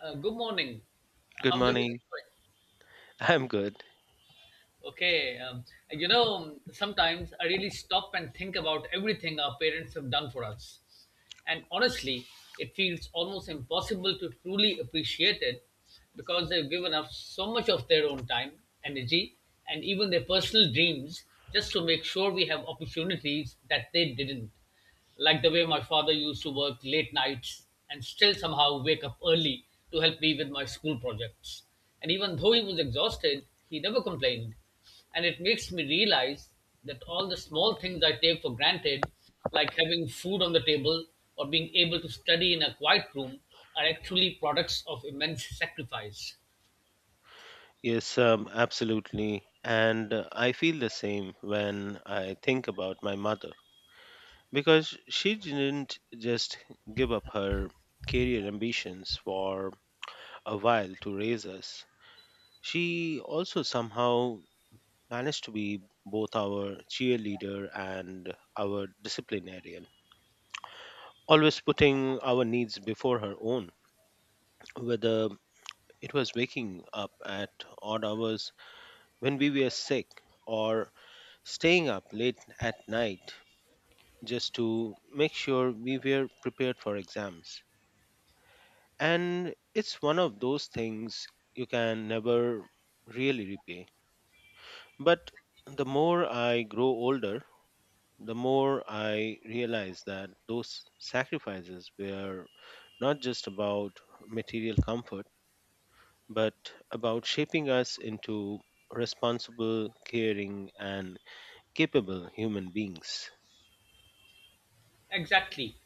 Good morning. Good How's morning. everything going? I'm good. Okay. Sometimes I really stop and think about everything our parents have done for us. And honestly, it feels almost impossible to truly appreciate it because they've given up so much of their own time, energy, and even their personal dreams just to make sure we have opportunities that they didn't, like the way my father used to work late nights and still somehow wake up early to help me with my school projects. And even though he was exhausted, he never complained. And it makes me realize that all the small things I take for granted, like having food on the table or being able to study in a quiet room, are actually products of immense sacrifice. Yes, absolutely. And I feel the same when I think about my mother because she didn't just give up her career ambitions for a while to raise us. She also somehow managed to be both our cheerleader and our disciplinarian, always putting our needs before her own, whether it was waking up at odd hours when we were sick or staying up late at night just to make sure we were prepared for exams. And it's one of those things you can never really repay. But the more I grow older, the more I realize that those sacrifices were not just about material comfort, but about shaping us into responsible, caring, and capable human beings. Exactly.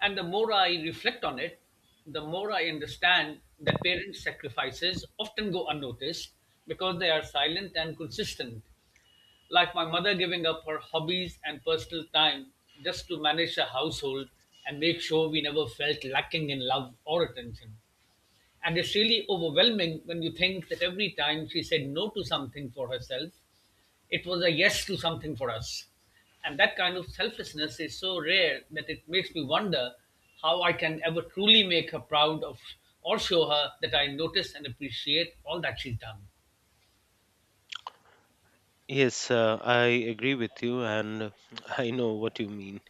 And the more I reflect on it, the more I understand that parents' sacrifices often go unnoticed because they are silent and consistent. Like my mother giving up her hobbies and personal time just to manage a household and make sure we never felt lacking in love or attention. And it's really overwhelming when you think that every time she said no to something for herself, it was a yes to something for us. And that kind of selflessness is so rare that it makes me wonder how I can ever truly make her proud of or show her that I notice and appreciate all that she's done. Yes, I agree with you, and I know what you mean.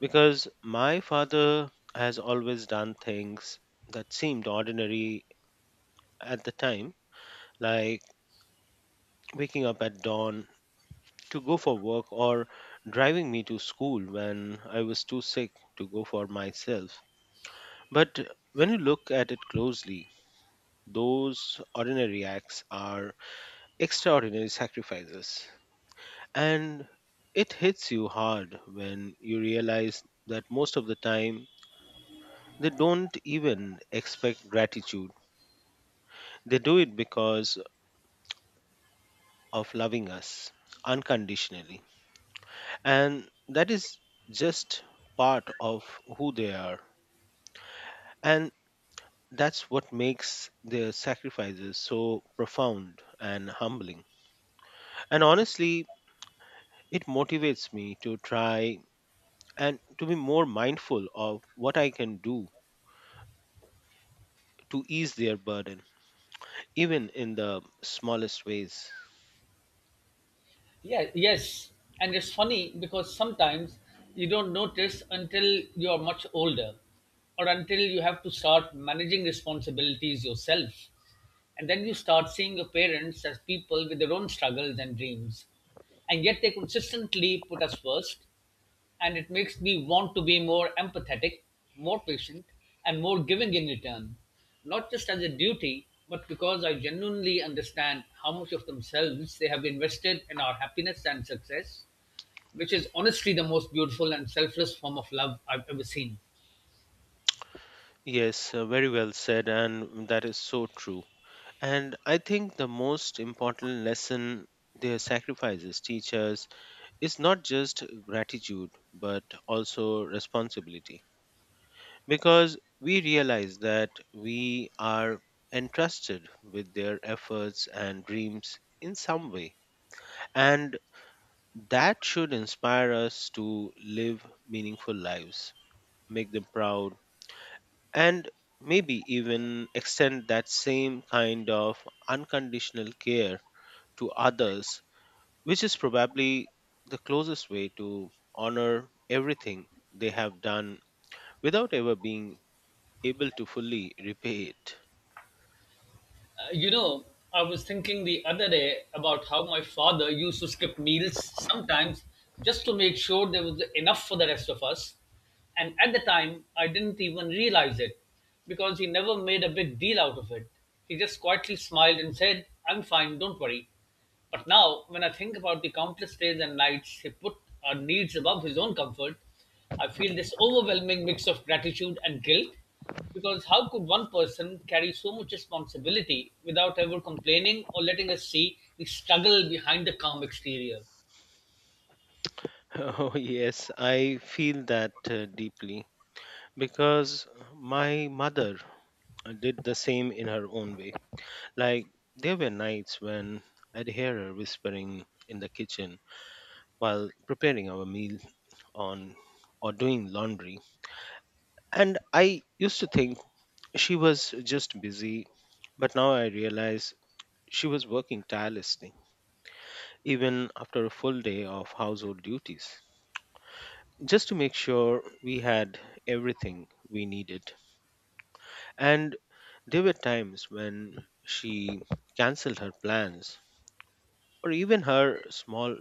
Because my father has always done things that seemed ordinary at the time, like waking up at dawn to go for work or driving me to school when I was too sick to go for myself. But when you look at it closely, those ordinary acts are extraordinary sacrifices. And it hits you hard when you realize that most of the time they don't even expect gratitude. They do it because of loving us unconditionally. And that is just part of who they are. And that's what makes their sacrifices so profound and humbling. And honestly, it motivates me to try and to be more mindful of what I can do to ease their burden, even in the smallest ways. Yeah, yes. And it's funny because sometimes you don't notice until you're much older or until you have to start managing responsibilities yourself. And then you start seeing your parents as people with their own struggles and dreams. And yet they consistently put us first, and it makes me want to be more empathetic, more patient, and more giving in return. Not just as a duty, but because I genuinely understand how much of themselves they have invested in our happiness and success, which is honestly the most beautiful and selfless form of love I've ever seen. Yes, very well said, and that is so true. And I think the most important lesson their sacrifices teach us is not just gratitude, but also responsibility. Because we realize that we are entrusted with their efforts and dreams in some way. And that should inspire us to live meaningful lives, make them proud, and maybe even extend that same kind of unconditional care to others, which is probably the closest way to honor everything they have done without ever being able to fully repay it. Uh, you know, I was thinking the other day about how my father used to skip meals sometimes just to make sure there was enough for the rest of us. And at the time, I didn't even realize it because he never made a big deal out of it. He just quietly smiled and said, I'm fine, don't worry. But now, when I think about the countless days and nights he put our needs above his own comfort, I feel this overwhelming mix of gratitude and guilt because how could one person carry so much responsibility without ever complaining or letting us see the struggle behind the calm exterior? Oh, yes, I feel that deeply because my mother did the same in her own way. Like, there were nights when I'd hear her whispering in the kitchen while preparing our meal on or doing laundry. And I used to think she was just busy, but now I realize she was working tirelessly, even after a full day of household duties, just to make sure we had everything we needed. And there were times when she cancelled her plans or even her small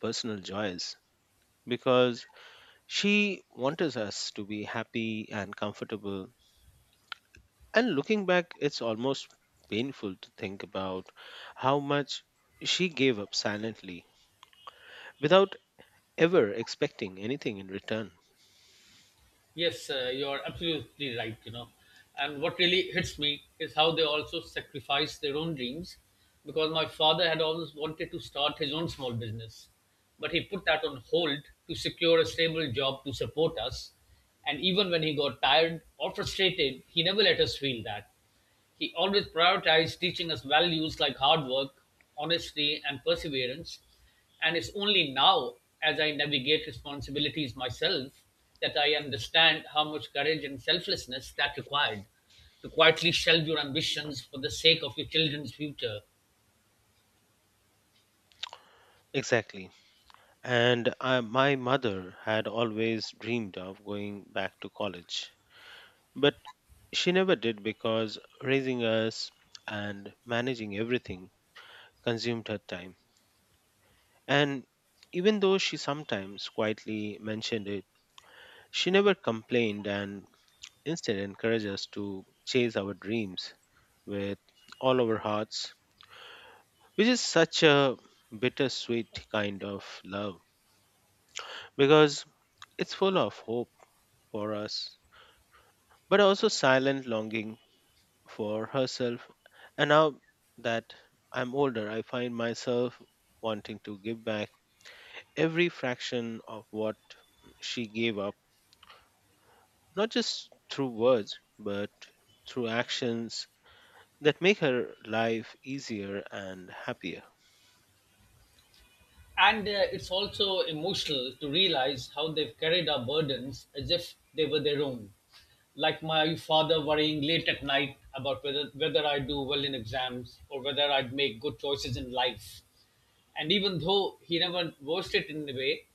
personal joys because she wanted us to be happy and comfortable. And looking back, it's almost painful to think about how much she gave up silently without ever expecting anything in return. Yes, you're absolutely right, And what really hits me is how they also sacrifice their own dreams because my father had always wanted to start his own small business, but he put that on hold to secure a stable job to support us. And even when he got tired or frustrated, he never let us feel that. He always prioritized teaching us values like hard work, honesty, and perseverance. And it's only now, as I navigate responsibilities myself, that I understand how much courage and selflessness that required to quietly shelve your ambitions for the sake of your children's future. Exactly. And I, my mother had always dreamed of going back to college, but she never did because raising us and managing everything consumed her time. And even though she sometimes quietly mentioned it, she never complained and instead encourage us to chase our dreams with all our hearts, which is such a bittersweet kind of love because it's full of hope for us, but also silent longing for herself. And now that I'm older, I find myself wanting to give back every fraction of what she gave up, not just through words, but through actions that make her life easier and happier. And it's also emotional to realize how they've carried our burdens as if they were their own, like my father worrying late at night about whether I do well in exams or whether I'd make good choices in life. And even though he never voiced it in a way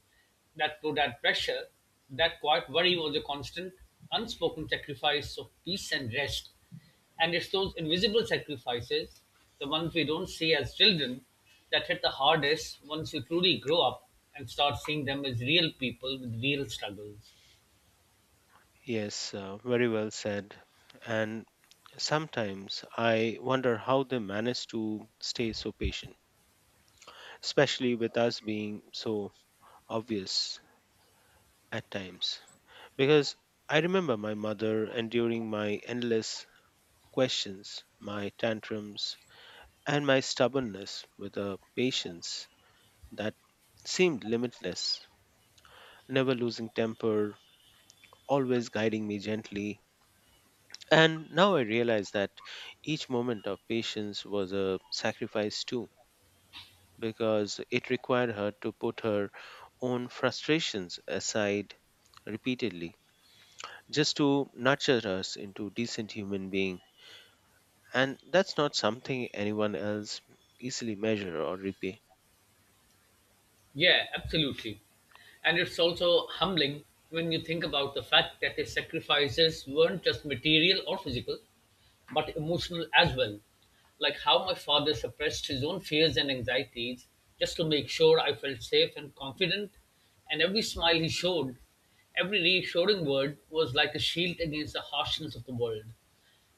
that would add pressure, that quiet worry was a constant, unspoken sacrifice of peace and rest. And it's those invisible sacrifices, the ones we don't see as children, that hit the hardest once you truly grow up and start seeing them as real people with real struggles. Yes, very well said. And sometimes I wonder how they manage to stay so patient, especially with us being so obvious at times. Because I remember my mother enduring my endless questions, my tantrums, and my stubbornness with a patience that seemed limitless, never losing temper, always guiding me gently. And now I realize that each moment of patience was a sacrifice too, because it required her to put her own frustrations aside repeatedly just to nurture us into decent human being, and that's not something anyone else easily measure or repay. Yeah, absolutely. And it's also humbling when you think about the fact that his sacrifices weren't just material or physical, but emotional as well. Like how my father suppressed his own fears and anxieties just to make sure I felt safe and confident, and every smile he showed, every reassuring word was like a shield against the harshness of the world.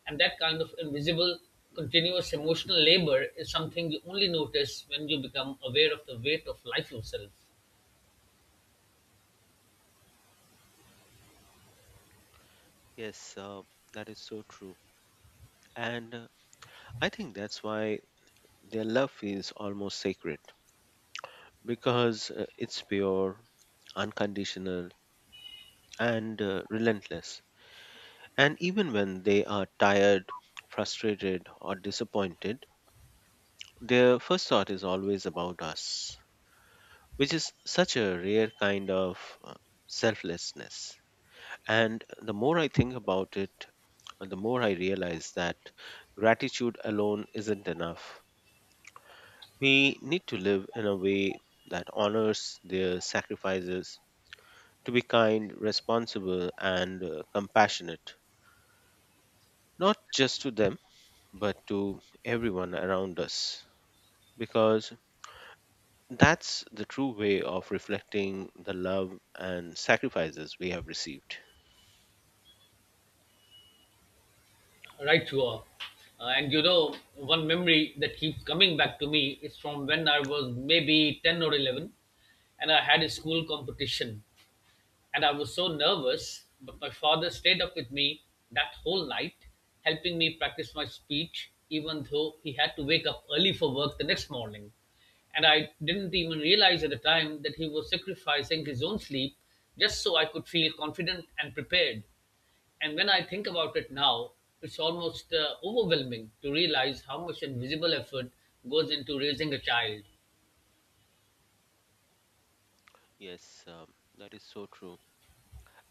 And that kind of invisible, continuous emotional labor is something you only notice when you become aware of the weight of life yourself. Yes, that is so true and I think that's why their love feels almost sacred because it's pure unconditional and relentless. And even when they are tired, frustrated, or disappointed, their first thought is always about us, which is such a rare kind of selflessness. And the more I think about it, the more I realize that gratitude alone isn't enough. We need to live in a way that honors their sacrifices, to be kind, responsible, and compassionate, not just to them but to everyone around us, because that's the true way of reflecting the love and sacrifices we have received. Right, you are. One memory that keeps coming back to me is from when I was maybe 10 or 11 and I had a school competition. And I was so nervous, but my father stayed up with me that whole night, helping me practice my speech, even though he had to wake up early for work the next morning. And I didn't even realize at the time that he was sacrificing his own sleep just so I could feel confident and prepared. And when I think about it now, it's almost overwhelming to realize how much invisible effort goes into raising a child. Yes, that is so true.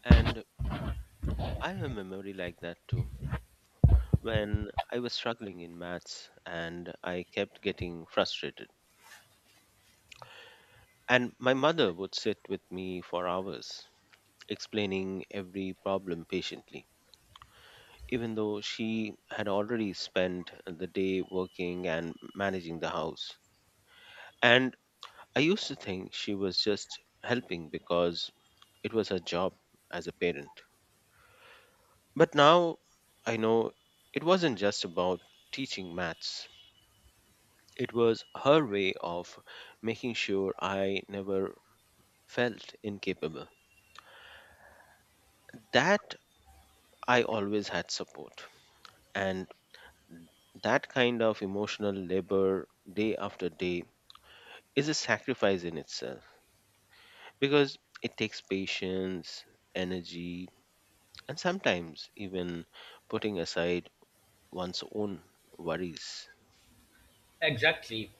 And I have a memory like that too. When I was struggling in maths and I kept getting frustrated, and my mother would sit with me for hours explaining every problem patiently, even though she had already spent the day working and managing the house. And I used to think she was just helping because it was her job as a parent. But now I know it wasn't just about teaching maths, it was her way of making sure I never felt incapable. That I always had support. And that kind of emotional labor day after day is a sacrifice in itself because it takes patience, energy, and sometimes even putting aside one's own worries. Exactly.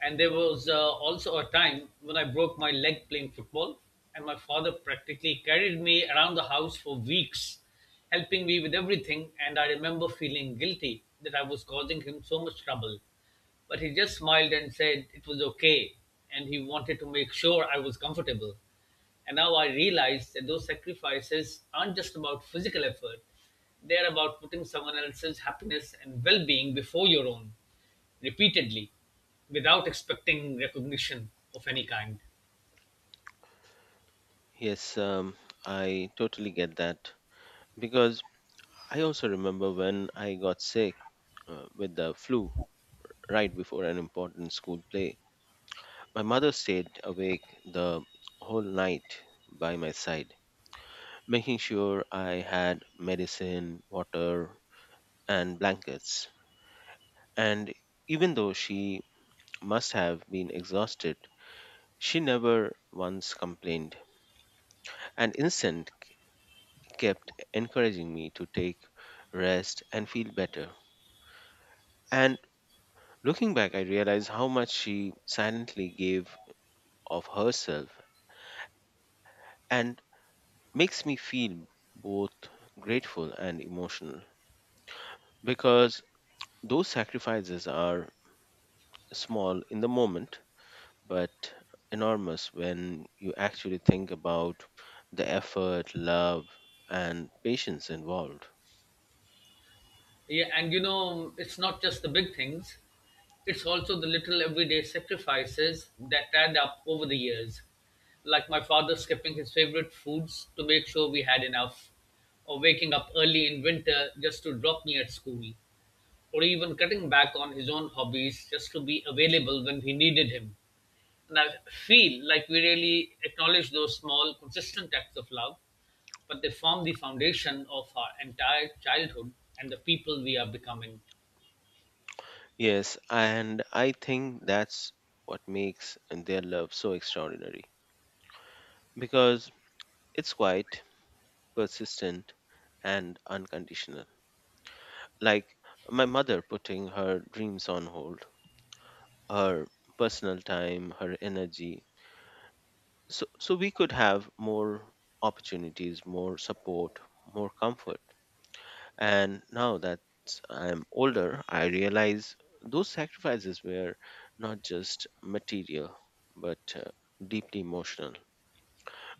And there was also a time when I broke my leg playing football, and my father practically carried me around the house for weeks, helping me with everything. And I remember feeling guilty that I was causing him so much trouble. But he just smiled and said it was okay, and he wanted to make sure I was comfortable. And now I realize that those sacrifices aren't just about physical effort, they're about putting someone else's happiness and well being before your own repeatedly without expecting recognition of any kind. Yes, I totally get that because I also remember when I got sick with the flu right before an important school play. My mother stayed awake the whole night by my side, making sure I had medicine, water, and blankets. And even though she must have been exhausted, she never once complained and instead kept encouraging me to take rest and feel better. And looking back, I realize how much she silently gave of herself and makes me feel both grateful and emotional because those sacrifices are small in the moment but enormous when you actually think about the effort, love, and patience involved. Yeah, it's not just the big things, it's also the little everyday sacrifices that add up over the years. Like my father skipping his favorite foods to make sure we had enough, or waking up early in winter just to drop me at school, or even cutting back on his own hobbies just to be available when we needed him. And I feel like we really acknowledge those small, consistent acts of love, but they form the foundation of our entire childhood and the people we are becoming. Yes, and I think that's what makes their love so extraordinary because it's quite persistent and unconditional. Like my mother putting her dreams on hold, her personal time, her energy. So we could have more opportunities, more support, more comfort. And now that I'm older, I realize those sacrifices were not just material, but deeply emotional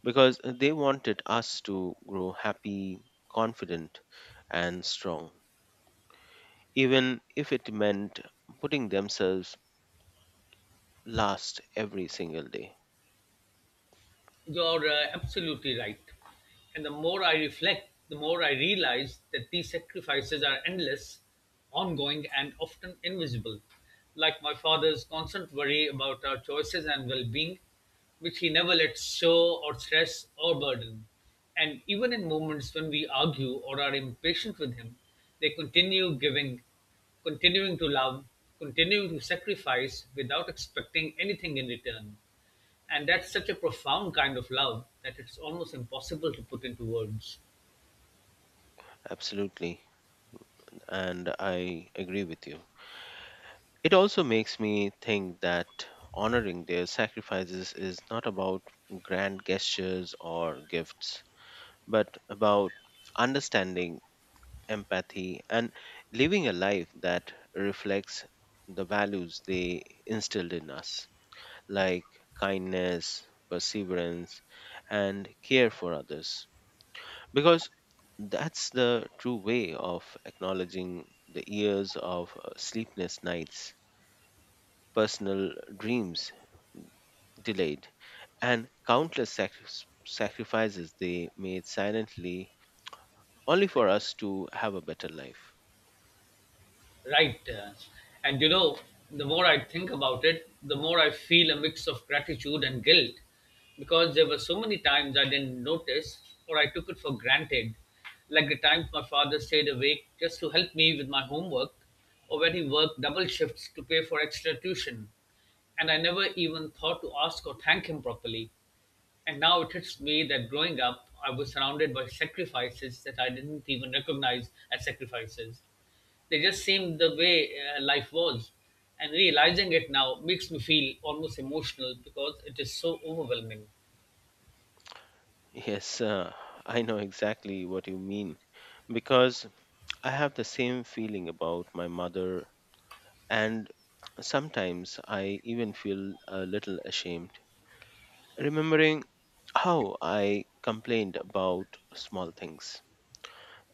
because they wanted us to grow happy, confident, and strong, even if it meant putting themselves last every single day. You're absolutely right. And the more I reflect, the more I realize that these sacrifices are endless, ongoing, and often invisible. Like my father's constant worry about our choices and well being, which he never lets show or stress or burden. And even in moments when we argue or are impatient with him, they continue giving, continuing to love, continuing to sacrifice without expecting anything in return, and that's such a profound kind of love that it's almost impossible to put into words. Absolutely. And I agree with you. It also makes me think that honoring their sacrifices is not about grand gestures or gifts, but about understanding, empathy, and living a life that reflects the values they instilled in us, like kindness, perseverance, and care for others. Because that's the true way of acknowledging the years of sleepless nights, personal dreams, delayed, and countless sacrifices they made silently only for us to have a better life. Right. And you know, the more I think about it, the more I feel a mix of gratitude and guilt because there were so many times I didn't notice or I took it for granted. Like the times my father stayed awake just to help me with my homework or when he worked double shifts to pay for extra tuition, and I never even thought to ask or thank him properly. And now it hits me that growing up, I was surrounded by sacrifices that I didn't even recognize as sacrifices. They just seemed the way life was. And realizing it now makes me feel almost emotional because it is so overwhelming. Yes, I know exactly what you mean because I have the same feeling about my mother, and sometimes I even feel a little ashamed remembering how I complained about small things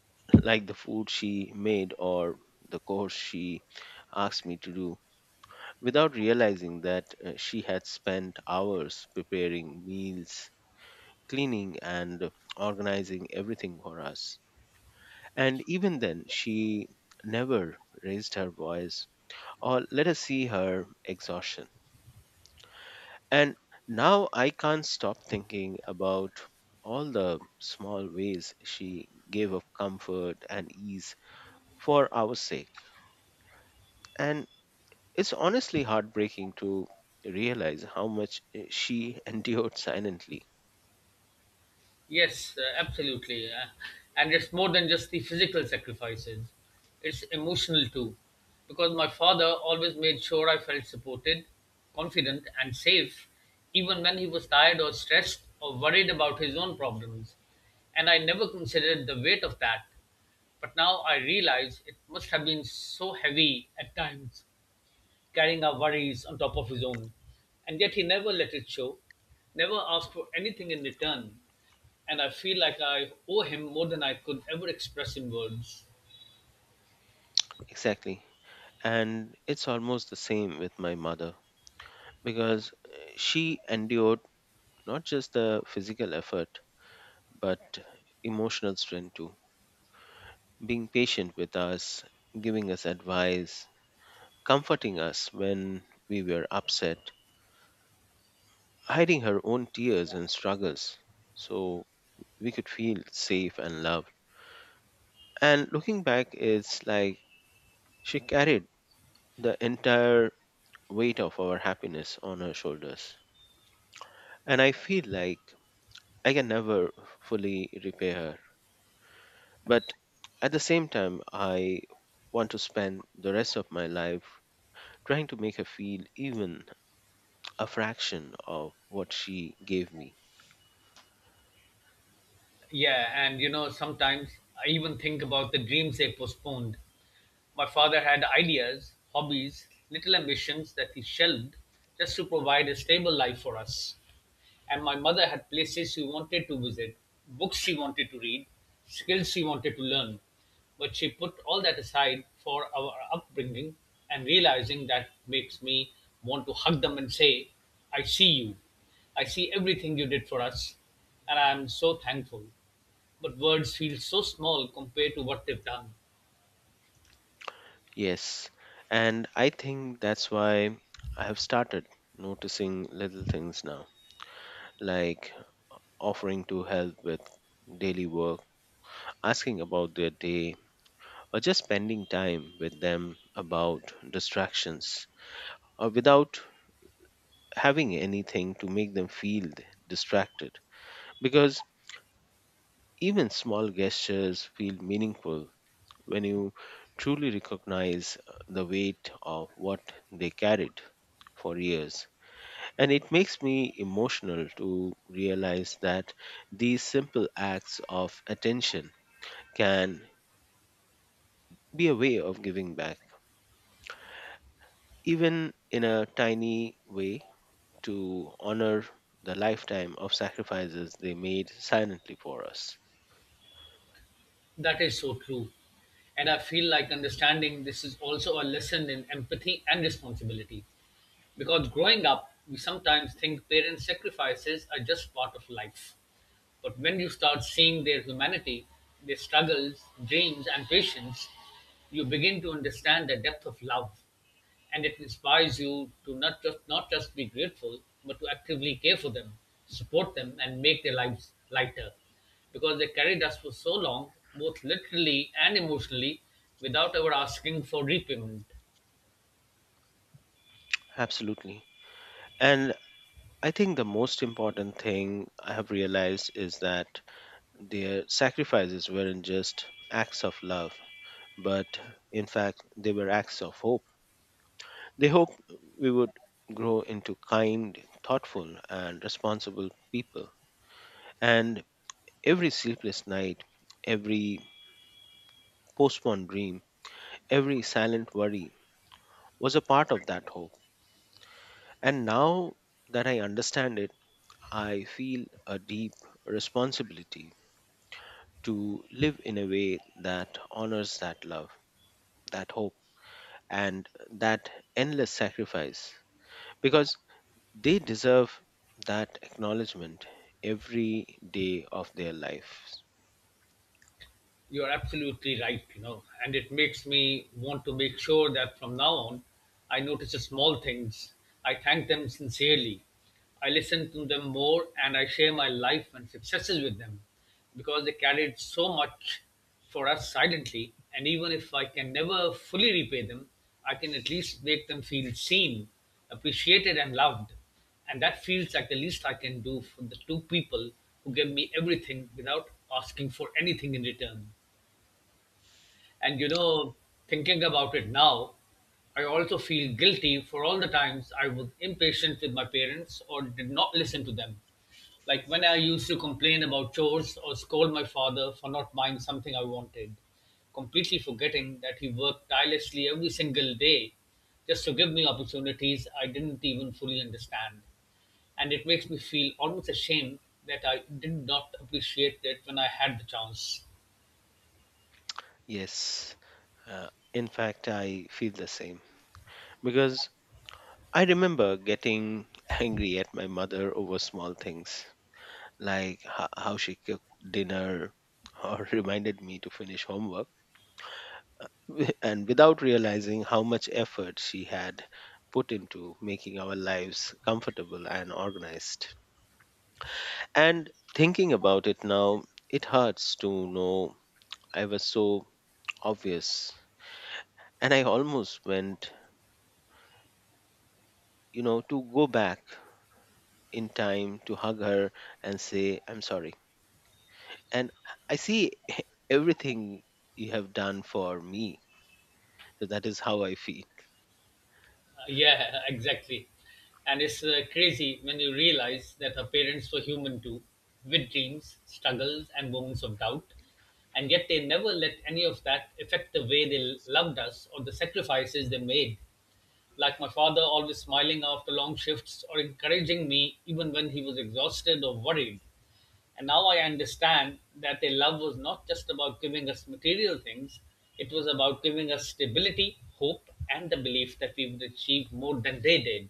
like the food she made or the course she asked me to do without realizing that she had spent hours preparing meals, cleaning, and organizing everything for us. And even then, she never raised her voice or let us see her exhaustion. And now I can't stop thinking about all the small ways she gave of comfort and ease for our sake. And it's honestly heartbreaking to realize how much she endured silently. Yes, absolutely. And it's more than just the physical sacrifices, it's emotional too. Because my father always made sure I felt supported, confident, and safe, even when he was tired or stressed or worried about his own problems. And I never considered the weight of that. But now I realize it must have been so heavy at times, carrying our worries on top of his own. And yet he never let it show, never asked for anything in return. And I feel like I owe him more than I could ever express in words. Exactly. And it's almost the same with my mother because she endured not just the physical effort but emotional strength too. Being patient with us, giving us advice, comforting us when we were upset, hiding her own tears and struggles so we could feel safe and loved. And looking back, it's like she carried the entire weight of our happiness on her shoulders. And I feel like I can never fully repay her. But at the same time, I want to spend the rest of my life trying to make her feel even a fraction of what she gave me. Yeah, sometimes I even think about the dreams they postponed. My father had ideas, hobbies, little ambitions that he shelved just to provide a stable life for us. And my mother had places she wanted to visit, books she wanted to read, skills she wanted to learn. But she put all that aside for our upbringing, and realizing that makes me want to hug them and say, I see you. I see everything you did for us, and I am so thankful. But words feel so small compared to what they've done. Yes, and I think that's why I have started noticing little things now, like offering to help with daily work, asking about their day, or just spending time with them about distractions, or without having anything to make them feel distracted because even small gestures feel meaningful when you truly recognize the weight of what they carried for years, and it makes me emotional to realize that these simple acts of attention can be a way of giving back even in a tiny way to honor the lifetime of sacrifices they made silently for us. That is so true. And I feel like understanding this is also a lesson in empathy and responsibility. Because growing up, we sometimes think parents' sacrifices are just part of life. But when you start seeing their humanity, their struggles, dreams, and patience, you begin to understand the depth of love. And it inspires you to not just be grateful, but to actively care for them, support them, and make their lives lighter. Because they carried us for so long, both literally and emotionally, without ever asking for repayment. Absolutely. And I think the most important thing I have realized is that their sacrifices weren't just acts of love, but in fact, they were acts of hope. They hoped we would grow into kind, thoughtful, and responsible people. And every sleepless night, every postponed dream, every silent worry was a part of that hope. And now that I understand it, I feel a deep responsibility to live in a way that honors that love, that hope, and that endless sacrifice because they deserve that acknowledgement every day of their lives. You're absolutely right, and it makes me want to make sure that from now on I notice the small things. I thank them sincerely. I listen to them more and I share my life and successes with them because they carried so much for us silently. And even if I can never fully repay them, I can at least make them feel seen, appreciated, and loved. And that feels like the least I can do for the two people who gave me everything without asking for anything in return. And thinking about it now, I also feel guilty for all the times I was impatient with my parents or did not listen to them. Like when I used to complain about chores or scold my father for not buying something I wanted, completely forgetting that he worked tirelessly every single day just to give me opportunities I didn't even fully understand. And it makes me feel almost ashamed that I did not appreciate it when I had the chance. Yes, uh, in fact, I feel the same because I remember getting angry at my mother over small things like how she cooked dinner or reminded me to finish homework and without realizing how much effort she had put into making our lives comfortable and organized. And thinking about it now, it hurts to know I was so obvious. And I almost went, you know, to go back in time to hug her and say, I'm sorry. And I see everything you have done for me. So that is how I feel. Yeah, exactly. And it's crazy when you realize that her parents were human too, with dreams, struggles, and moments of doubt. And yet they never let any of that affect the way they loved us or the sacrifices they made, like my father, always smiling after long shifts or encouraging me even when he was exhausted or worried. And now I understand that their love was not just about giving us material things, it was about giving us stability, hope, and the belief that we would achieve more than they did.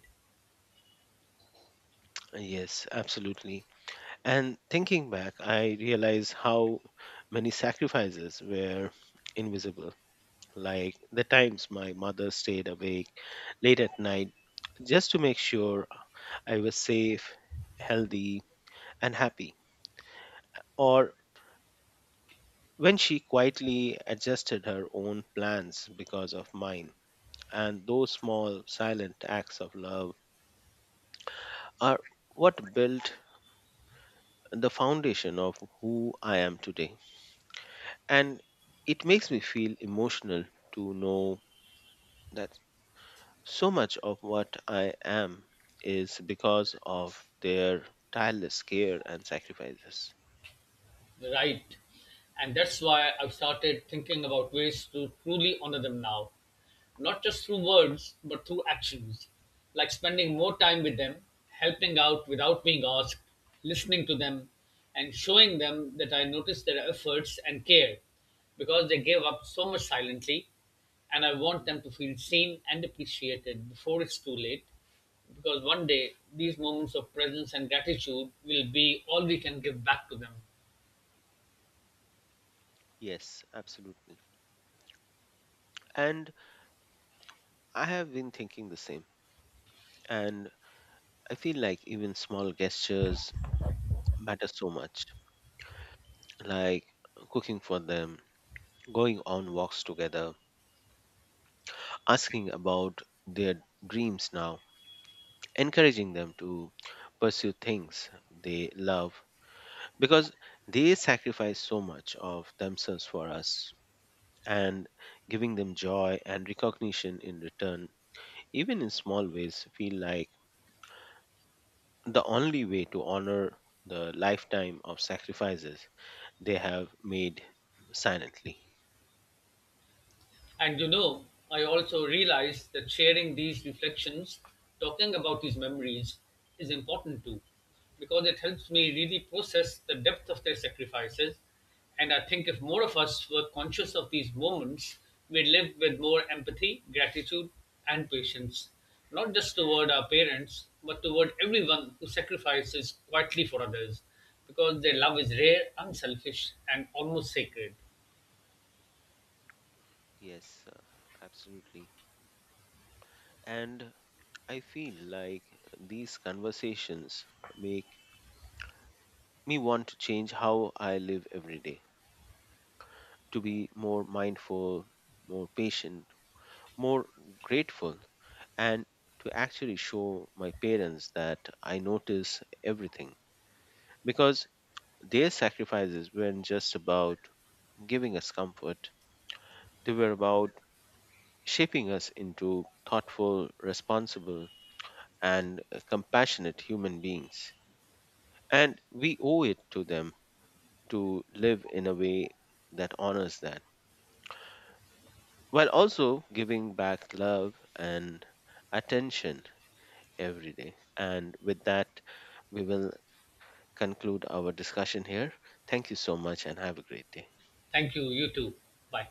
Yes, absolutely. And thinking back, I realize how many sacrifices were invisible. Like the times my mother stayed awake late at night just to make sure I was safe, healthy, and happy. Or when she quietly adjusted her own plans because of mine. And those small, silent acts of love are what built the foundation of who I am today. And it makes me feel emotional to know that so much of what I am is because of their tireless care and sacrifices. Right. And that's why I've started thinking about ways to truly honor them now, not just through words, but through actions, like spending more time with them, helping out without being asked, listening to them, and showing them that I notice their efforts and care because they gave up so much silently. And I want them to feel seen and appreciated before it's too late. Because one day, these moments of presence and gratitude will be all we can give back to them. Yes, absolutely. And I have been thinking the same. And I feel like even small gestures matter so much, like cooking for them, going on walks together, asking about their dreams now, encouraging them to pursue things they love because they sacrifice so much of themselves for us and giving them joy and recognition in return even in small ways feel like the only way to honor the lifetime of sacrifices they have made silently. And I also realized that sharing these reflections, talking about these memories, is important too, because it helps me really process the depth of their sacrifices. And I think if more of us were conscious of these moments, we'd live with more empathy, gratitude, and patience, not just toward our parents, but toward everyone who sacrifices quietly for others, because their love is rare, unselfish, and almost sacred. Yes, absolutely, and I feel like these conversations make me want to change how I live every day to be more mindful, more patient, more grateful, and to actually show my parents that I notice everything because their sacrifices weren't just about giving us comfort, they were about shaping us into thoughtful, responsible, and compassionate human beings. And we owe it to them to live in a way that honors that while also giving back love and attention every day. And with that, we will conclude our discussion here. Thank you so much and have a great day. Thank you, you too. Bye.